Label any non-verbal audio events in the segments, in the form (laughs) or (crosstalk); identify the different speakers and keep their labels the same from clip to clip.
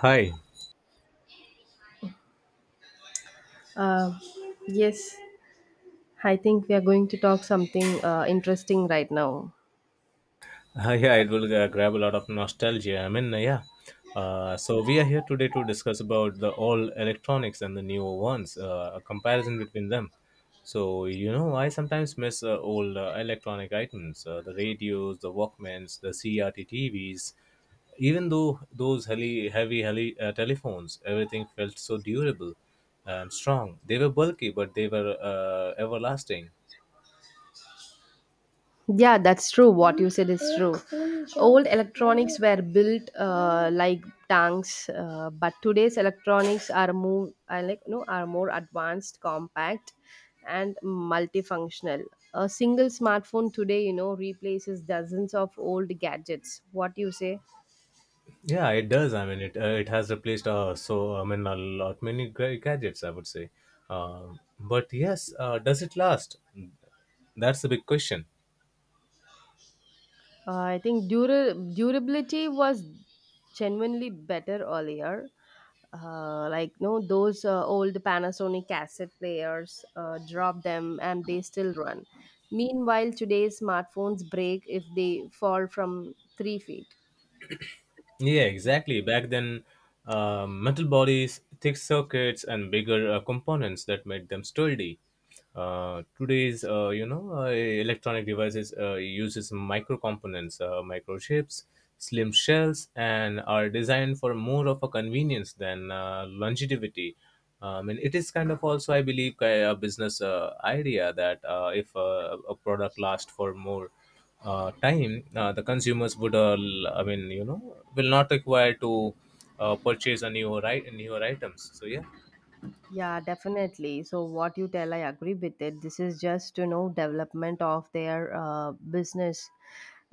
Speaker 1: Hi.
Speaker 2: Uh, yes, I think we are going to talk something interesting right now.
Speaker 1: Yeah, it will grab a lot of nostalgia. So we are here today to discuss about the old electronics and the new ones, a comparison between them. So you know, I sometimes miss old electronic items, the radios, the Walkmans, the CRT TVs. Even though those telephones, everything felt so durable and strong. They were bulky, but they were everlasting.
Speaker 2: Yeah, that's true. What you said is true. Old electronics were built like tanks, but today's electronics are more I like no are more advanced, compact, and multifunctional. A single smartphone today, you know, replaces dozens of old gadgets. What do you say?
Speaker 1: Yeah, it does. I mean, it has replaced a lot many gadgets. I would say, but yes, does it last? That's the big question.
Speaker 2: I think durability was genuinely better earlier. Like no, those old Panasonic cassette players, drop them and they still run. Meanwhile, today's smartphones break if they fall from 3 feet.
Speaker 1: Yeah, exactly. Back then, metal bodies, thick circuits, and bigger components that made them sturdy. Today's electronic devices uses micro components, microchips, slim shells, and are designed for more of a convenience than longevity. I mean, it is kind of also, I believe, a business idea that if a product lasts for more time, the consumers would, will not require to purchase a newer items. So yeah,
Speaker 2: Yeah, definitely. So what you tell, I agree with it. This is just you know development of their business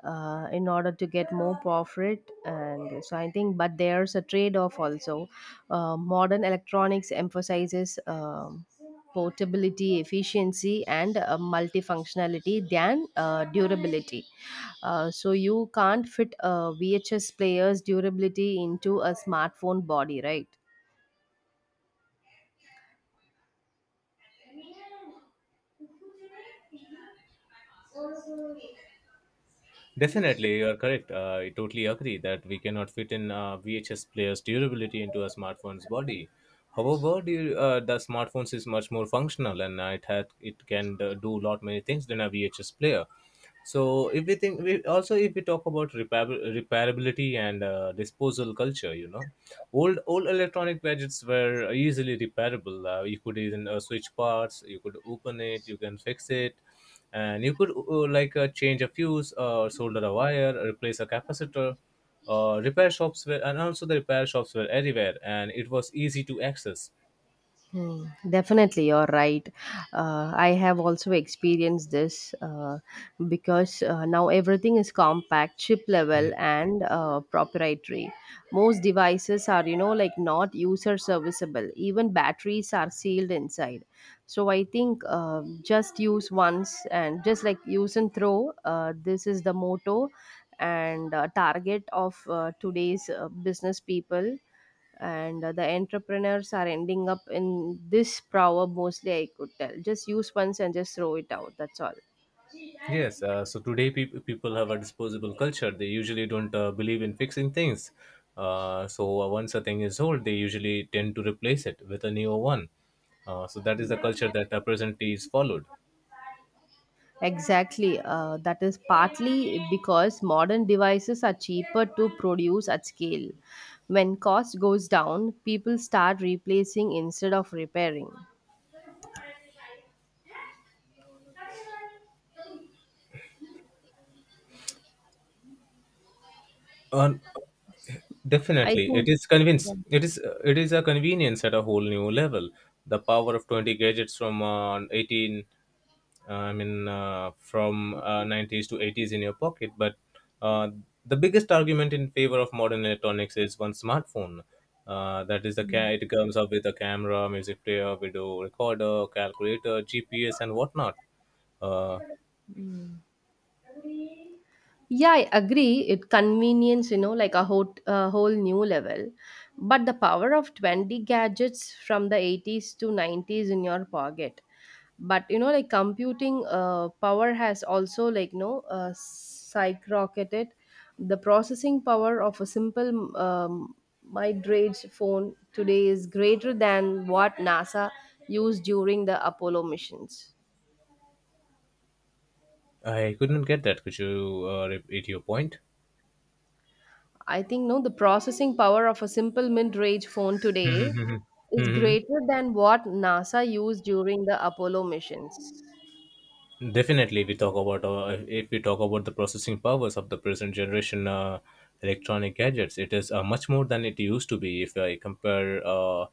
Speaker 2: in order to get more profit, and so I think. But there's a trade-off also. Modern electronics emphasizes portability, efficiency, and multifunctionality than durability. So you can't fit VHS player's durability into a smartphone body, right?
Speaker 1: definitely you are correct. I totally agree that we cannot fit in VHS player's durability into a smartphone's body. However, the smartphones is much more functional and it can do lot many things than a VHS player. So if we think, we also if we talk about repair, repairability and disposal culture, you know, old electronic gadgets were easily repairable, you could even switch parts, you could open it, you can fix it, and you could change a fuse or solder a wire, replace a capacitor. Repair shops were and Also, the repair shops were everywhere and it was easy to access.
Speaker 2: Hmm, definitely, you're right. I have also experienced this because now everything is compact, chip level, and proprietary. Most devices are, you know, like not user serviceable. Even batteries are sealed inside. So I think just use once and just like use and throw. This is the motto and target of today's business people, and the entrepreneurs are ending up in this proverb. Mostly I could tell, just use once and just throw it out, that's all.
Speaker 1: Yes, so today people have a disposable culture. They usually don't believe in fixing things. So once a thing is old, they usually tend to replace it with a newer one. So that is the culture that presently is followed.
Speaker 2: Exactly. That is partly because modern devices are cheaper to produce at scale. When cost goes down, people start replacing instead of repairing.
Speaker 1: And
Speaker 2: I
Speaker 1: definitely, it
Speaker 2: think.
Speaker 1: is convince.
Speaker 2: Yeah.
Speaker 1: It is a convenience at a whole new level. The power of 20 gadgets from from nineties to eighties in your pocket. But uh, the biggest argument in favor of modern electronics is one smartphone. That is the ca-
Speaker 2: Mm.
Speaker 1: it comes up with a camera, music player, video recorder, calculator, GPS, and whatnot. Uh,
Speaker 2: Mm. Yeah, I agree. It convenience, you know, like a whole new level. But the power of 20 gadgets from the 80's to 90's in your pocket. But, you know, like computing power has also, like, no, skyrocketed. The processing power of a simple mid-range phone today is greater than what NASA used during the Apollo missions.
Speaker 1: I couldn't get that. Could you repeat your point?
Speaker 2: I think no, the processing power of a simple mid-range phone today
Speaker 1: (laughs)
Speaker 2: is
Speaker 1: hmm
Speaker 2: greater than what NASA used during the Apollo missions.
Speaker 1: Definitely, if we talk about the processing powers of the present generation electronic gadgets, it is much more than it used to be. If I compare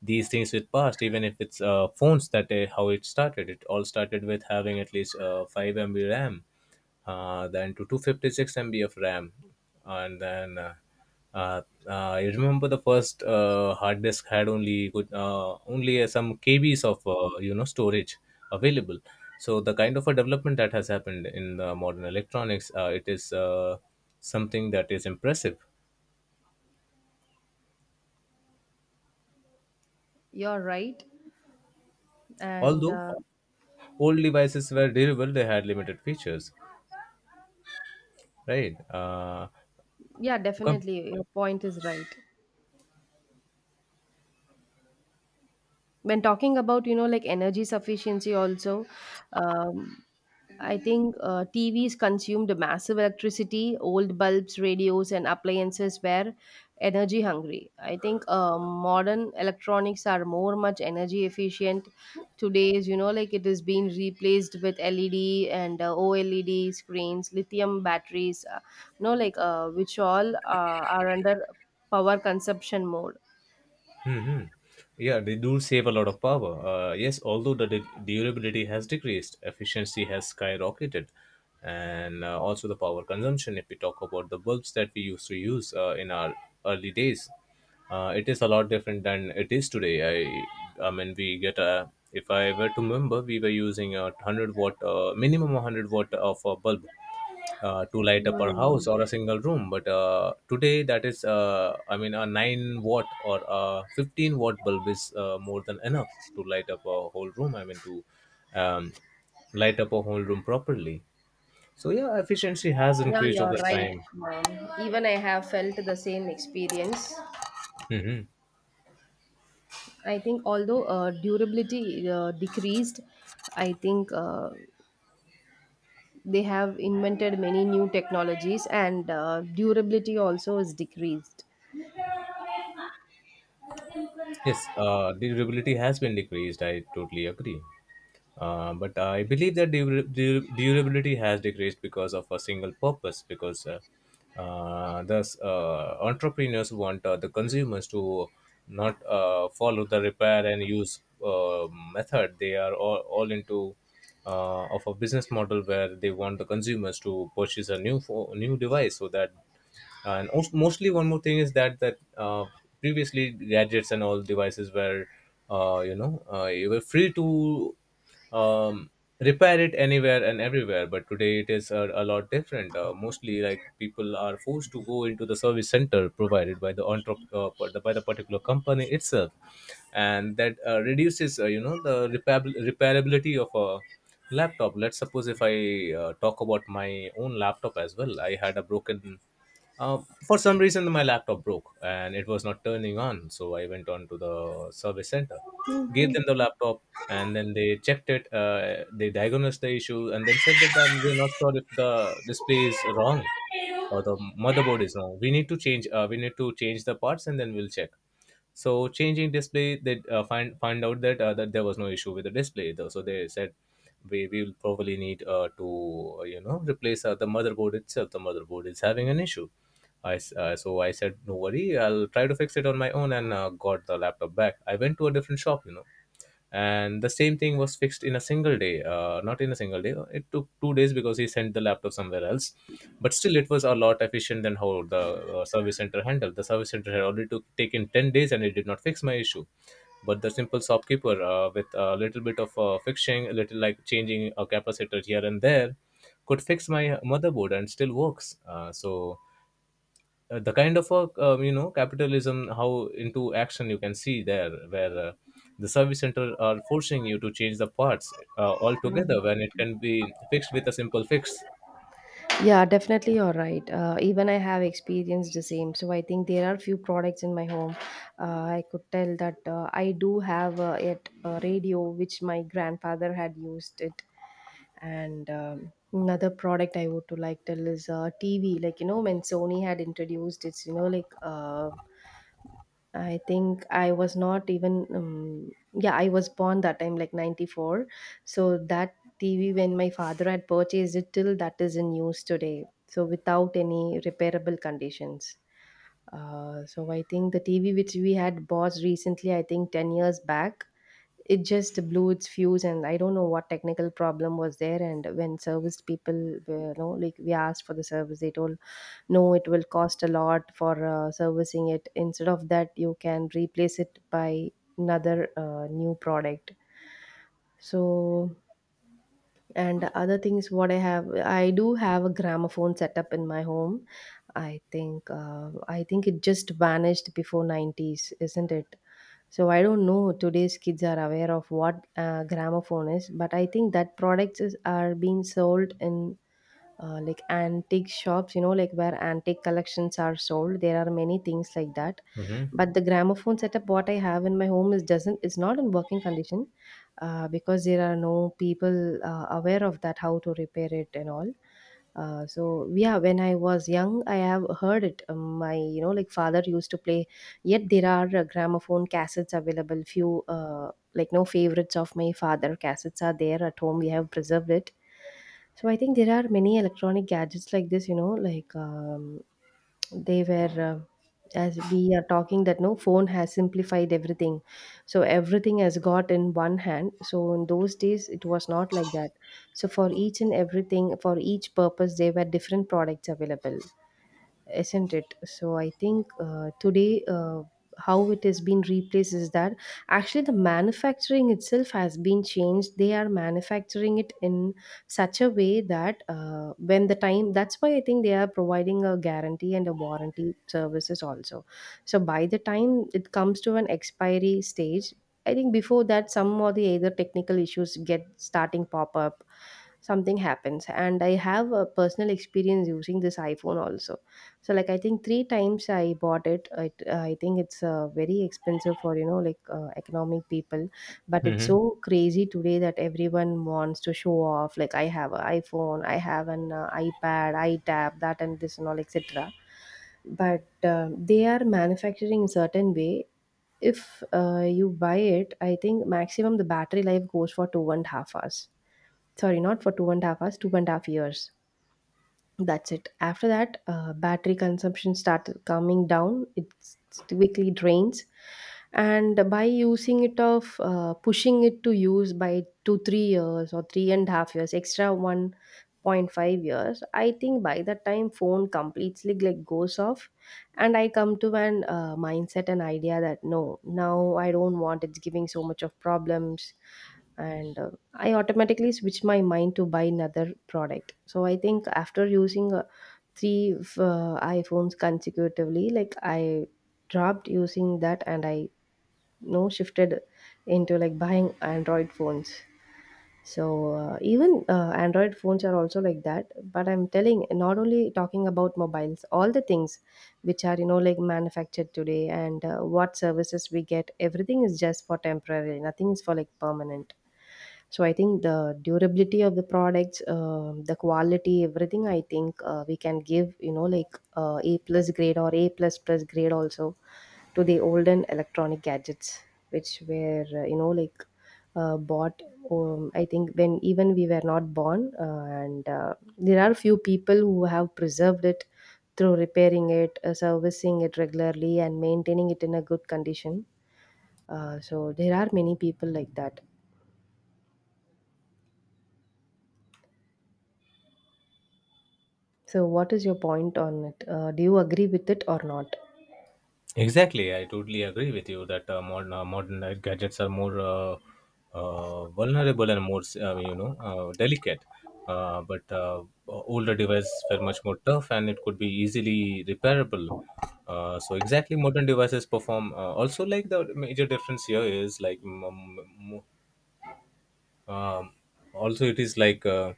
Speaker 1: these things with past, even if it's phones, that how it started, it all started with having at least 5 MB RAM, then to 256 MB of RAM, and then I remember the first hard disk had only good only some KBs of storage available. So the kind of a development that has happened in the modern electronics, it is something that is impressive.
Speaker 2: You're right, and
Speaker 1: Although old devices were durable, they had limited features, right?
Speaker 2: yeah, definitely, your point is right. When talking about you know like energy sufficiency also, um, I think TVs consumed massive electricity. Old bulbs, radios and appliances were energy hungry. I think modern electronics are more much energy efficient. Today's you know like it is being replaced with LED and OLED screens, lithium batteries, you know like which all are under power consumption mode.
Speaker 1: Yeah, they do save a lot of power. Yes, although the durability has decreased, efficiency has skyrocketed, and also the power consumption. If we talk about the bulbs that we used to use in our early days, it is a lot different than it is today. I mean, we get a. If I were to remember, we were using a 100 watt, minimum 100 watt of a bulb to light up our house
Speaker 2: Hmm.
Speaker 1: or a single room, but today that is a 9 watt or a 15-watt bulb is more than enough to light up a whole room, I mean to um, light up a whole room properly. So yeah, efficiency has
Speaker 2: Yeah,
Speaker 1: increased
Speaker 2: you're
Speaker 1: over
Speaker 2: right,
Speaker 1: time.
Speaker 2: mom. Even I have felt the same experience.
Speaker 1: hmm
Speaker 2: I think although durability decreased, I think they have invented many new technologies and durability also is decreased.
Speaker 1: Yes, durability has been decreased. I totally agree. But I believe that durability has decreased because of a single purpose. Entrepreneurs want the consumers to not follow the repair and use method. They are all into of a business model where they want the consumers to purchase a new device, so that. And mostly one more thing is that previously gadgets and all devices were you were free to um, repair it anywhere and everywhere. But today it is a lot different, mostly like people are forced to go into the service center provided by the by the particular company itself, and that reduces the repabil repairability of a laptop. Let's suppose if I talk about my own laptop as well. I had a broken, for some reason, my laptop broke and it was not turning on. So I went on to the service center, gave them the laptop, and then they checked it. They diagnosed the issue and then said that we're not sure if the display is wrong or the motherboard is wrong. We need to change. We need to change the parts and then we'll check. So changing display, they find out that there was no issue with the display though, so they said we will probably need to you know replace the motherboard itself, the motherboard is having an issue. So I said no worry, I'll try to fix it on my own, and got the laptop back. I went to a different shop, you know, and the same thing was fixed in a single day, not in a single day, it took 2 days because he sent the laptop somewhere else. But still it was a lot efficient than how the service center handled. The service center had already taken 10 days and it did not fix my issue, but the simple shopkeeper, with a little bit of fixing, a little like changing a capacitor here and there, could fix my motherboard and still works. The kind of a, capitalism how into action you can see there, where the service center are forcing you to change the parts altogether when it can be fixed with a simple fix.
Speaker 2: Yeah, definitely you're right. Even I have experienced the same. So I think there are few products in my home. Uh, I could tell that I do have yet a radio which my grandfather had used it. And another product I would to like tell is TV. Like you know when Sony had introduced its you know like I think I was not even yeah, I was born that time like 94. So that TV when my father had purchased it till that is in use today. So without any repairable conditions. So I think the TV which we had bought recently, I think 10 years back, it just blew its fuse and I don't know what technical problem was there, and when service people were, you know like we asked for the service, they told no, it will cost a lot for servicing it. Instead of that, you can replace it by another new product. So, and other things what I have, I do have a gramophone setup in my home. I think I think it just vanished before 90's, isn't it? So I don't know today's kids are aware of what gramophone is, but I think that products is, are being sold in like antique shops, you know like where antique collections are sold. There are many things like that.
Speaker 1: Mm-hmm.
Speaker 2: But the gramophone setup what I have in my home is doesn't is not in working condition, because there are no people aware of that how to repair it and all. So yeah, when I was young I have heard it. My you know like father used to play. Yet there are gramophone cassettes available few, like no favorites of my father cassettes are there at home, we have preserved it. So I think there are many electronic gadgets like this, you know like, they were as we are talking that no phone has simplified everything. So everything has got in one hand, so in those days it was not like that. So for each and everything, for each purpose there were different products available, isn't it? So I think today how it has been replaced is that actually the manufacturing itself has been changed. They are manufacturing it in such a way that when the time, that's why I think they are providing a guarantee and a warranty services also. So by the time it comes to an expiry stage, I think before that, some or the other technical issues get starting pop up, something happens. And I have a personal experience using this iPhone also. So like I think 3 times I bought it. I think it's very expensive for you know like economic people, but it's so crazy today that everyone wants to show off like I have an iPhone, I have an iPad, iTab, that and this and all etc. But they are manufacturing in certain way. If you buy it, I think maximum the battery life goes for 2.5 hours. Sorry, not for 2.5 hours, 2.5 years, that's it. After that, battery consumption started coming down. It quickly drains, and by using it of pushing it to use by 2 3 years or 3.5 years, extra 1.5 years. I think by the time phone completely like goes off, and I come to an mindset and idea that no, now I don't want it's giving so much of problems, and I automatically switch my mind to buy another product. So I think after using iPhones consecutively, like I dropped using that and I you shifted into like buying Android phones. So even Android phones are also like that. But I'm telling, not only talking about mobiles, all the things which are you know like manufactured today and what services we get, everything is just for temporary. Nothing is for like permanent. So I think the durability of the products, the quality, everything. I think we can give you know like A plus grade or A plus plus grade also to the olden electronic gadgets, which were you know like bought, I think when even we were not born, and there are few people who have preserved it through repairing it, servicing it regularly and maintaining it in a good condition. So there are many people like that. So what is your point on it? Do you agree with it or not?
Speaker 1: Exactly, I totally agree with you that modern gadgets are more vulnerable and more delicate. But older devices were much more tough and it could be easily repairable. So exactly, modern devices perform. Also, like the major difference here is like m- um, also it is like. Uh,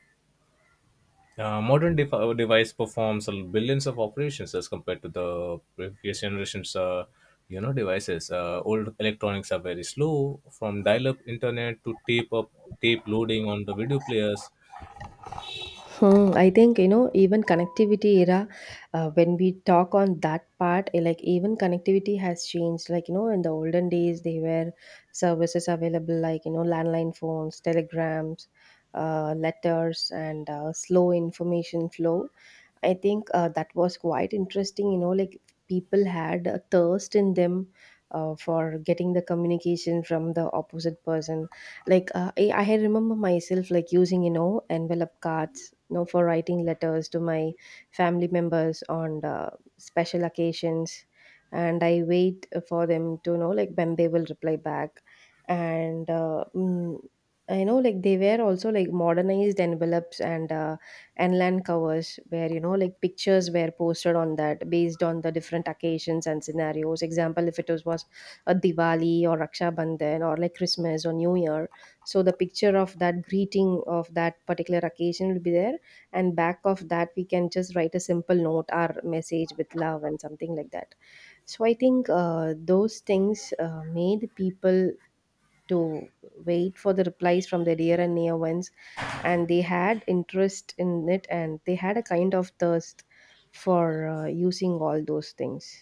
Speaker 1: uh, Modern de device performs a billions of operations as compared to the previous generations. Devices. Old electronics are very slow, from dial-up internet to tape loading on the video players.
Speaker 2: Hmm, I think you know even connectivity era, when we talk on that part, eh, like even connectivity has changed, like you know in the olden days they were services available like you know landline phones, telegrams, letters and slow information flow. I think that was quite interesting, you know like people had a thirst in them for getting the communication from the opposite person. Like I had remember myself like using you know envelope cards you know for writing letters to my family members on special occasions, and I wait for them to know like when they will reply back. and uh, mm, I know like they were also like modernized envelopes and land covers where you know like pictures were posted on that based on the different occasions and scenarios, example if it was a Diwali or Raksha Bandhan or like Christmas or New Year, so the picture of that greeting of that particular occasion will be there, and back of that we can just write a simple note or message with love and something like that. So I think those things made people to wait for the replies from their dear and near ones, and they had interest in it and they had a kind of thirst for using all those things.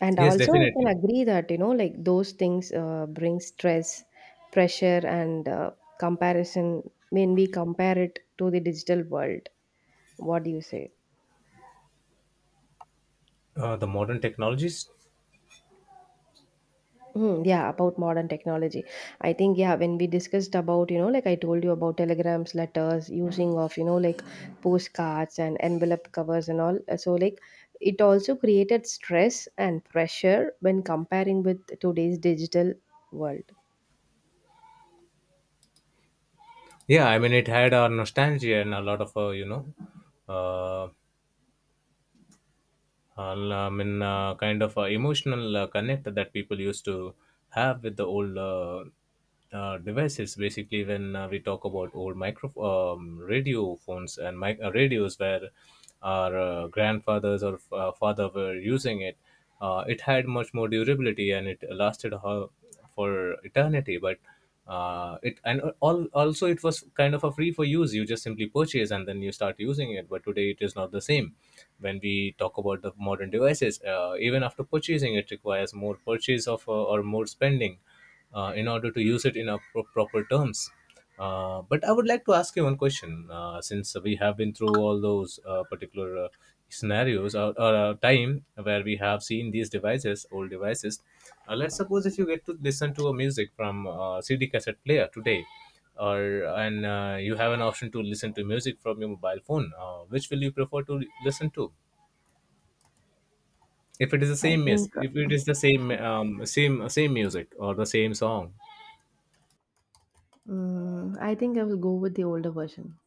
Speaker 2: And
Speaker 1: Yes,
Speaker 2: also, I can
Speaker 1: definitely.
Speaker 2: agree that, you know, like those things bring stress, pressure, And comparison when we compare it to the digital world. What do you say?
Speaker 1: The modern technologies.
Speaker 2: Hmm, yeah, about modern technology. I think, yeah, when we discussed about, like I told you about telegrams, letters, using of, like postcards and envelope covers and all. So, like, it also created stress and pressure when comparing with today's digital world.
Speaker 1: Yeah, I mean, it had our nostalgia and a lot of uh, kind of emotional connect that people used to have with the old devices. Basically, when we talk about old micro, radio phones and radios, where our grandfathers or father were using it, it had much more durability and it lasted for eternity. But it and all, also it was kind of a free for use, you just simply purchase and then you start using it. But today it is not the same. When we talk about the modern devices, even after purchasing it requires more purchase of or more spending in order to use it in a proper terms. But I would like to ask you one question. Since we have been through all those particular scenarios, or time where we have seen these devices, old devices, let's suppose if you get to listen to a music from CD cassette player today, or and you have an option to listen to music from your mobile phone, which will you prefer to listen to? If it is the
Speaker 2: I
Speaker 1: same, yes.
Speaker 2: think
Speaker 1: If it is the same, same music or the same song.
Speaker 2: mm, I think I will go with the older version.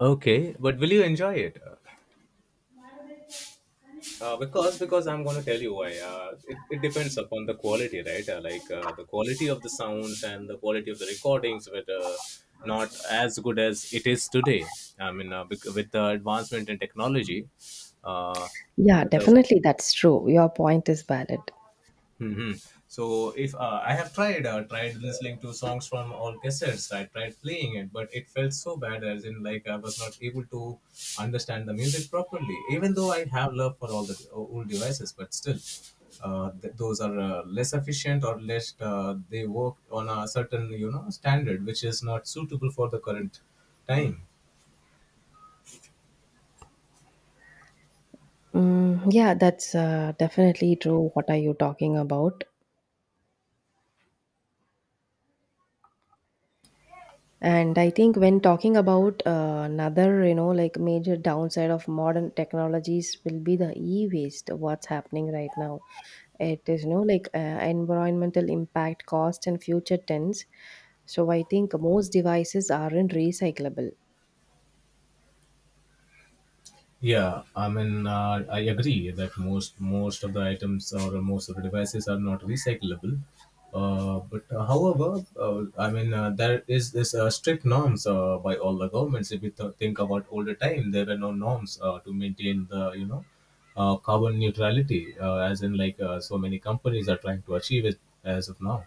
Speaker 1: Okay, but will you enjoy it? Because I'm going to tell you why. It depends upon the quality, right? The quality of the sounds and the quality of the recordings were not as good as it is today. I mean, with the advancement in technology, uh,
Speaker 2: Yeah,
Speaker 1: the
Speaker 2: definitely that's true. Your point is valid.
Speaker 1: hmm so if I have tried listening to songs from all cassettes. I tried playing it, but it felt so bad, as in like I was not able to understand the music properly. Even though I have love for all the old devices, but still, those are less efficient, or less they work on a certain you know standard which is not suitable for the current time.
Speaker 2: Mm, yeah, that's definitely true. What are you talking about? And I think when talking about another, you know, like major downside of modern technologies will be the e-waste, what's happening right now. It is, you know, like environmental impact, cost, and future tense. So I think most devices aren't recyclable.
Speaker 1: Yeah, I mean, I agree that most of the items or most of the devices are not recyclable. But however, I mean, there is this strict norms by all the governments. If you think about older time, there were no norms to maintain the you know carbon neutrality, as in like so many companies are trying to achieve it as of now.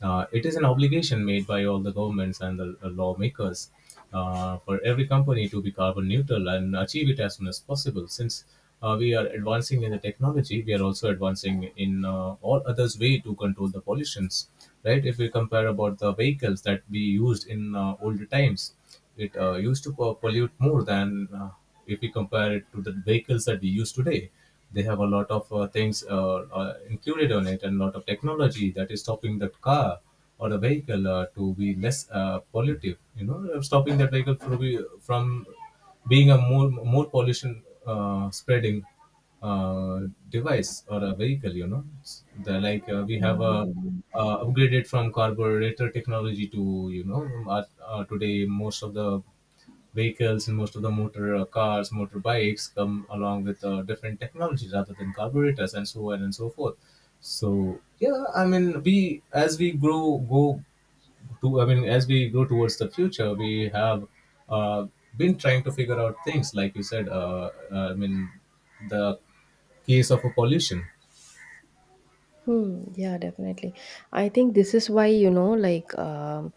Speaker 1: It is an obligation made by all the governments and the lawmakers for every company to be carbon neutral and achieve it as soon as possible. Since we are advancing in the technology, we are also advancing in all others way to control the pollutions. Right? If we compare about the vehicles that we used in older times, it used to pollute more than if we compare it to the vehicles that we use today. They have a lot of things included on it and a lot of technology that is stopping the car or the vehicle to be less pollutive. You know, stopping that vehicle from being a more pollution spreading uh, device or a vehicle you know S- the, like we have a upgraded from carburetor technology to today most of the vehicles and most of the motor cars, motorbikes come along with different technology rather than carburetors, and so on and so forth. So yeah, I mean, we as we grow go to I mean as we go towards the future, we have uh, been trying to figure out things like you said, I mean the case of a pollution.
Speaker 2: Hmm. Yeah, definitely. I think this is why, you know, like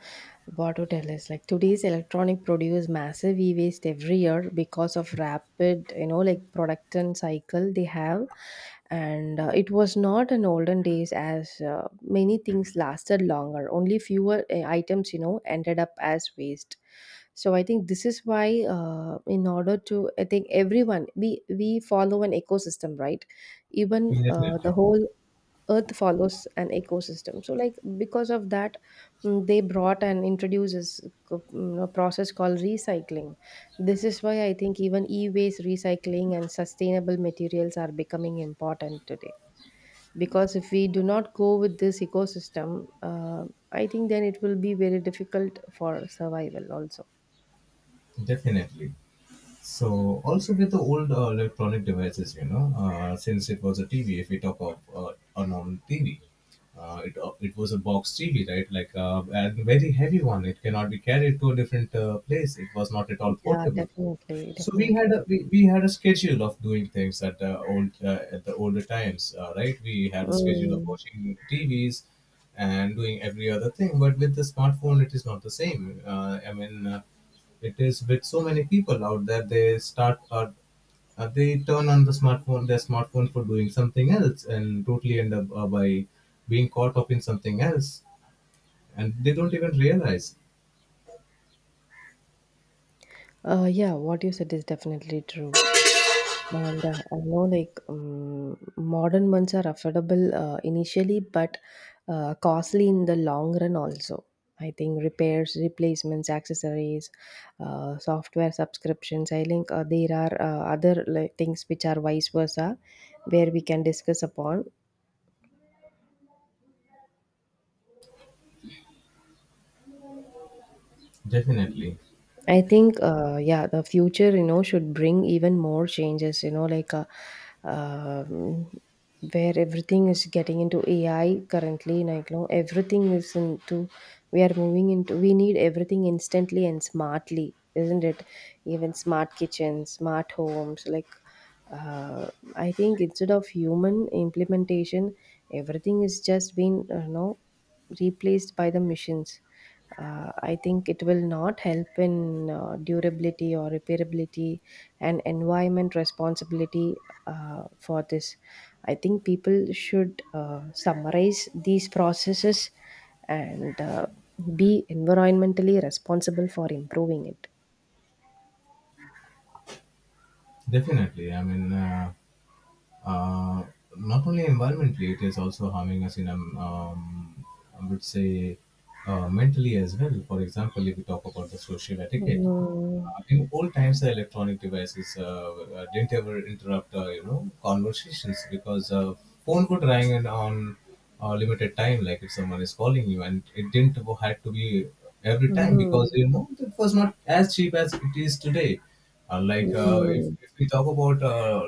Speaker 2: what to tell us, like today's electronic produce massive e-waste every year because of rapid, you know, like production cycle they have. And it was not in olden days as many things lasted longer. Only fewer items, you know, ended up as waste. So I think this is why, in order to, I think everyone we follow an ecosystem, right? Even the
Speaker 1: Definitely.
Speaker 2: whole earth follows an ecosystem, so like, because of that, mm, they brought and introduces, you know, a process called recycling. This is why I think even e-waste recycling and sustainable materials are becoming important today, because if we do not go with this ecosystem, uh, I think then it will be very difficult for survival also.
Speaker 1: Definitely. So also with the old electronic devices, you know, since it was a tv, if we talk of a normal tv, it was a box TV, right? Like a very heavy one. It cannot be carried to a different place. It was not at all
Speaker 2: Yeah,
Speaker 1: portable.
Speaker 2: definitely
Speaker 1: So we had
Speaker 2: definitely
Speaker 1: a we had a schedule of doing things at the old at the older times, right? We had a schedule of
Speaker 2: Mm.
Speaker 1: watching TVs and doing every other thing. But with the smartphone, it is not the same. I mean, it is with so many people out there. They start they turn on the smartphone their smartphone for doing something else and totally end up by being caught up in something else and they don't even realize.
Speaker 2: Yeah, what you said is definitely true. And I know, like, modern ones are affordable initially, but costly in the long run also. I think repairs, replacements, accessories, software subscriptions. I think there are other, like, things which are vice versa, where we can discuss upon.
Speaker 1: Definitely.
Speaker 2: I think, yeah, the future, you know, should bring even more changes, you know, like um where everything is getting into AI currently, like, you know, everything is into, we are moving into, we need everything instantly and smartly, isn't it? Even smart kitchens, smart homes, like, uh, I think instead of human implementation, everything is just been you know, replaced by the machines. I think it will not help in durability or repairability, and environment responsibility. For this, I think people should summarize these processes and be environmentally responsible for improving it.
Speaker 1: Definitely. I mean, uh, not only environmentally, it is also harming us in, I would say, mentally as well. For example, if we talk about the social etiquette,
Speaker 2: Mm,
Speaker 1: in old times, the electronic devices didn't ever interrupt, you know, conversations because phone would ring and on limited time, like if someone is calling you, and it didn't had to be every time
Speaker 2: mm,
Speaker 1: because you know it was not as cheap as it is today.
Speaker 2: mm,
Speaker 1: If,
Speaker 2: mm,
Speaker 1: if we talk about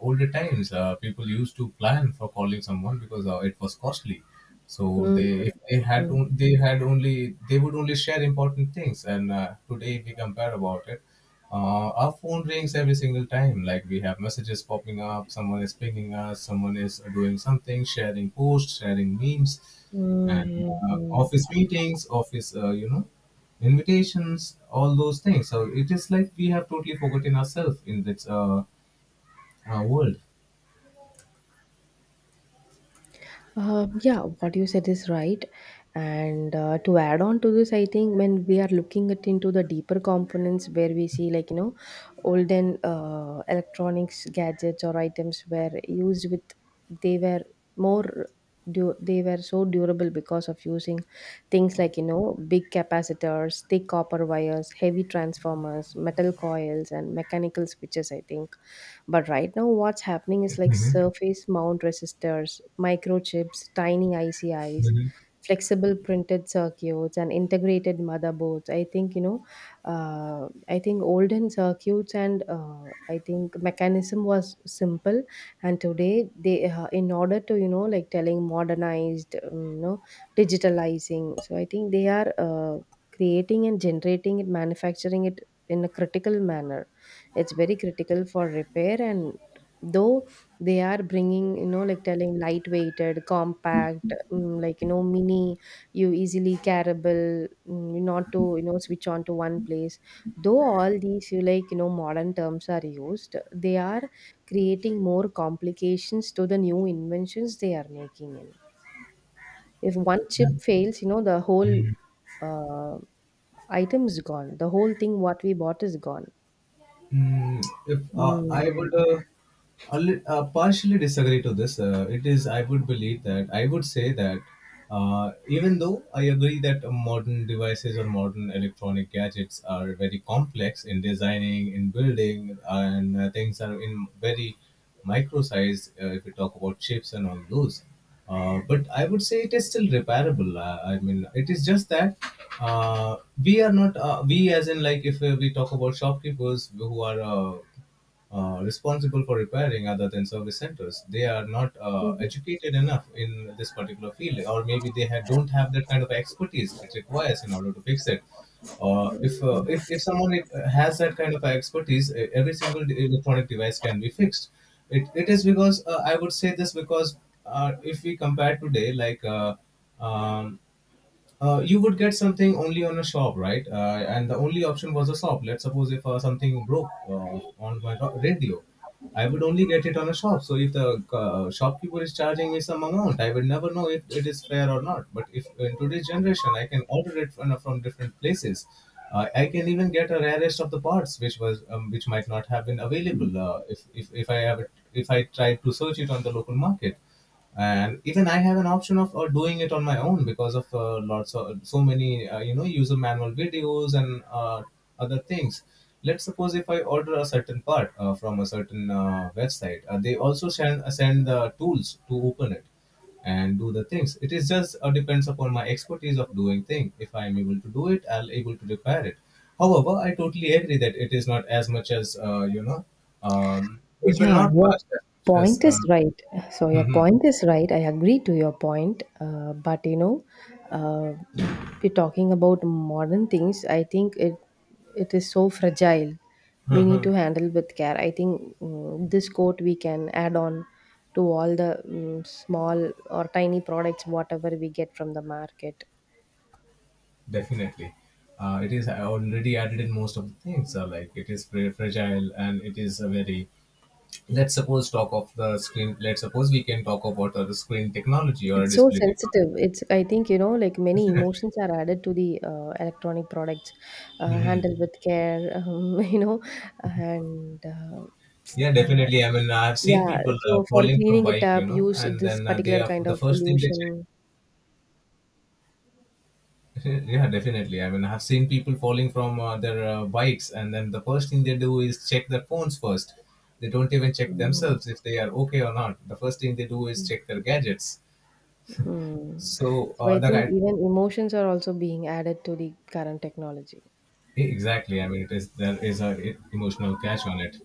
Speaker 1: older times, people used to plan for calling someone because it was costly. So
Speaker 2: mm,
Speaker 1: they, if they had
Speaker 2: mm,
Speaker 1: on- they had only they would only share important things. And today if we compare about it, our phone rings every single time. Like we have messages popping up, someone is pinging us, someone is doing something, sharing posts, sharing memes and
Speaker 2: mm, mm.
Speaker 1: office meetings, office you know invitations, all those things. So it is like we have totally forgotten ourselves in this world.
Speaker 2: Yeah, what you said is right. And to add on to this, I think when we are looking at into the deeper components where we see, like, you know, olden electronics gadgets or items were used with, they were more they were so durable because of using things like, you know, big capacitors, thick copper wires, heavy transformers, metal coils, and mechanical switches. I think, but right now, what's happening is like
Speaker 1: Hmm.
Speaker 2: surface mount resistors, microchips, tiny ICIs,
Speaker 1: Hmm.
Speaker 2: flexible printed circuits, and integrated motherboards. I think, you know, I think olden circuits and I think mechanism was simple. And today, they, in order to, you know, like telling modernized, you know, digitalizing. So I think they are creating and generating it, manufacturing it in a critical manner. It's very critical for repair. And though they are bringing, you know, like, telling lightweighted compact, mm, like, you know, mini, you easily carryable, mm, not to, you know, switch on to one place, though all these, you, like, you know, modern terms are used, they are creating more complications to the new inventions they are making in. If one
Speaker 1: Yeah.
Speaker 2: chip fails, you know, the whole
Speaker 1: Mm.
Speaker 2: uh, item is gone, the whole thing what we bought is gone.
Speaker 1: Mm. if I would a li- partially disagree to this. It is I would believe that, I would say that, even though I agree that modern devices or modern electronic gadgets are very complex in designing, in building, and things are in very micro size. If we talk about chips and all those, but I would say it is still repairable. I mean, it is just that uh, we are not we as in like if we talk about shopkeepers who are responsible for repairing other than service centers, they are not
Speaker 2: Mm.
Speaker 1: educated enough in this particular field, or maybe they don't have that kind of expertise it requires in order to fix it. If someone has that kind of expertise, every single electronic device can be fixed. It is because, I would say this because if we compare today, um, you would get something only on a shop, right? And the only option was a shop. Let's suppose if something broke on my radio, I would only get it on a shop. So if the shopkeeper is charging me some amount, I would never know if it is fair or not. But if in today's generation, I can order it from different places. I can even get a rarest of the parts, which was which might not have been available if I have it, if I tried to search it on the local market. And even I have an option of doing it on my own because of lots of so many you know user manual videos and other things. Let's suppose if I order a certain part from a certain website, they also send the tools to open it and do the things. It is just depends upon my expertise of doing thing. If I am able to do it, I'll able to repair it. However, I totally agree that it is not as much as you know, it will
Speaker 2: Yeah,
Speaker 1: not
Speaker 2: your
Speaker 1: last as much as
Speaker 2: point is right. So your
Speaker 1: mhm.
Speaker 2: point is right. I agree to your point. But you know, uh, we're talking about modern things. I think it, it is so fragile. We need to
Speaker 1: (laughs)
Speaker 2: handle with care. I think, mm, this quote we can add on to all the, mm, small or tiny products whatever we get from the market.
Speaker 1: Definitely. It is already added in most of the things. Like it is very fragile and it is a very. Let's suppose talk of the screen. Let's suppose we can talk about the screen technology or
Speaker 2: It's so
Speaker 1: display technology.
Speaker 2: sensitive. It's, I think, you know, like many
Speaker 1: Definitely.
Speaker 2: emotions are added to the electronic products,
Speaker 1: Hmm.
Speaker 2: handled with care, (laughs) you know, and
Speaker 1: Yeah,
Speaker 2: uh,
Speaker 1: definitely. I mean, I've seen
Speaker 2: yeah.
Speaker 1: people
Speaker 2: So for
Speaker 1: falling from
Speaker 2: cleaning it
Speaker 1: bike, you
Speaker 2: up,
Speaker 1: know,
Speaker 2: use
Speaker 1: and
Speaker 2: this
Speaker 1: then they
Speaker 2: particular
Speaker 1: are
Speaker 2: kind
Speaker 1: the
Speaker 2: of
Speaker 1: first thing they check.
Speaker 2: solution.
Speaker 1: (laughs) Yeah, definitely. I mean, I have seen people falling from their bikes, and then the first thing they do is check their phones first. They don't even check
Speaker 2: Mm,
Speaker 1: themselves if they are okay or not. The first thing they do is check their gadgets.
Speaker 2: hmm.
Speaker 1: So
Speaker 2: So
Speaker 1: uh,
Speaker 2: I
Speaker 1: the
Speaker 2: think
Speaker 1: guy,
Speaker 2: even emotions are also being added to the current technology.
Speaker 1: exactly. I mean, it is, there is a emotional catch on it.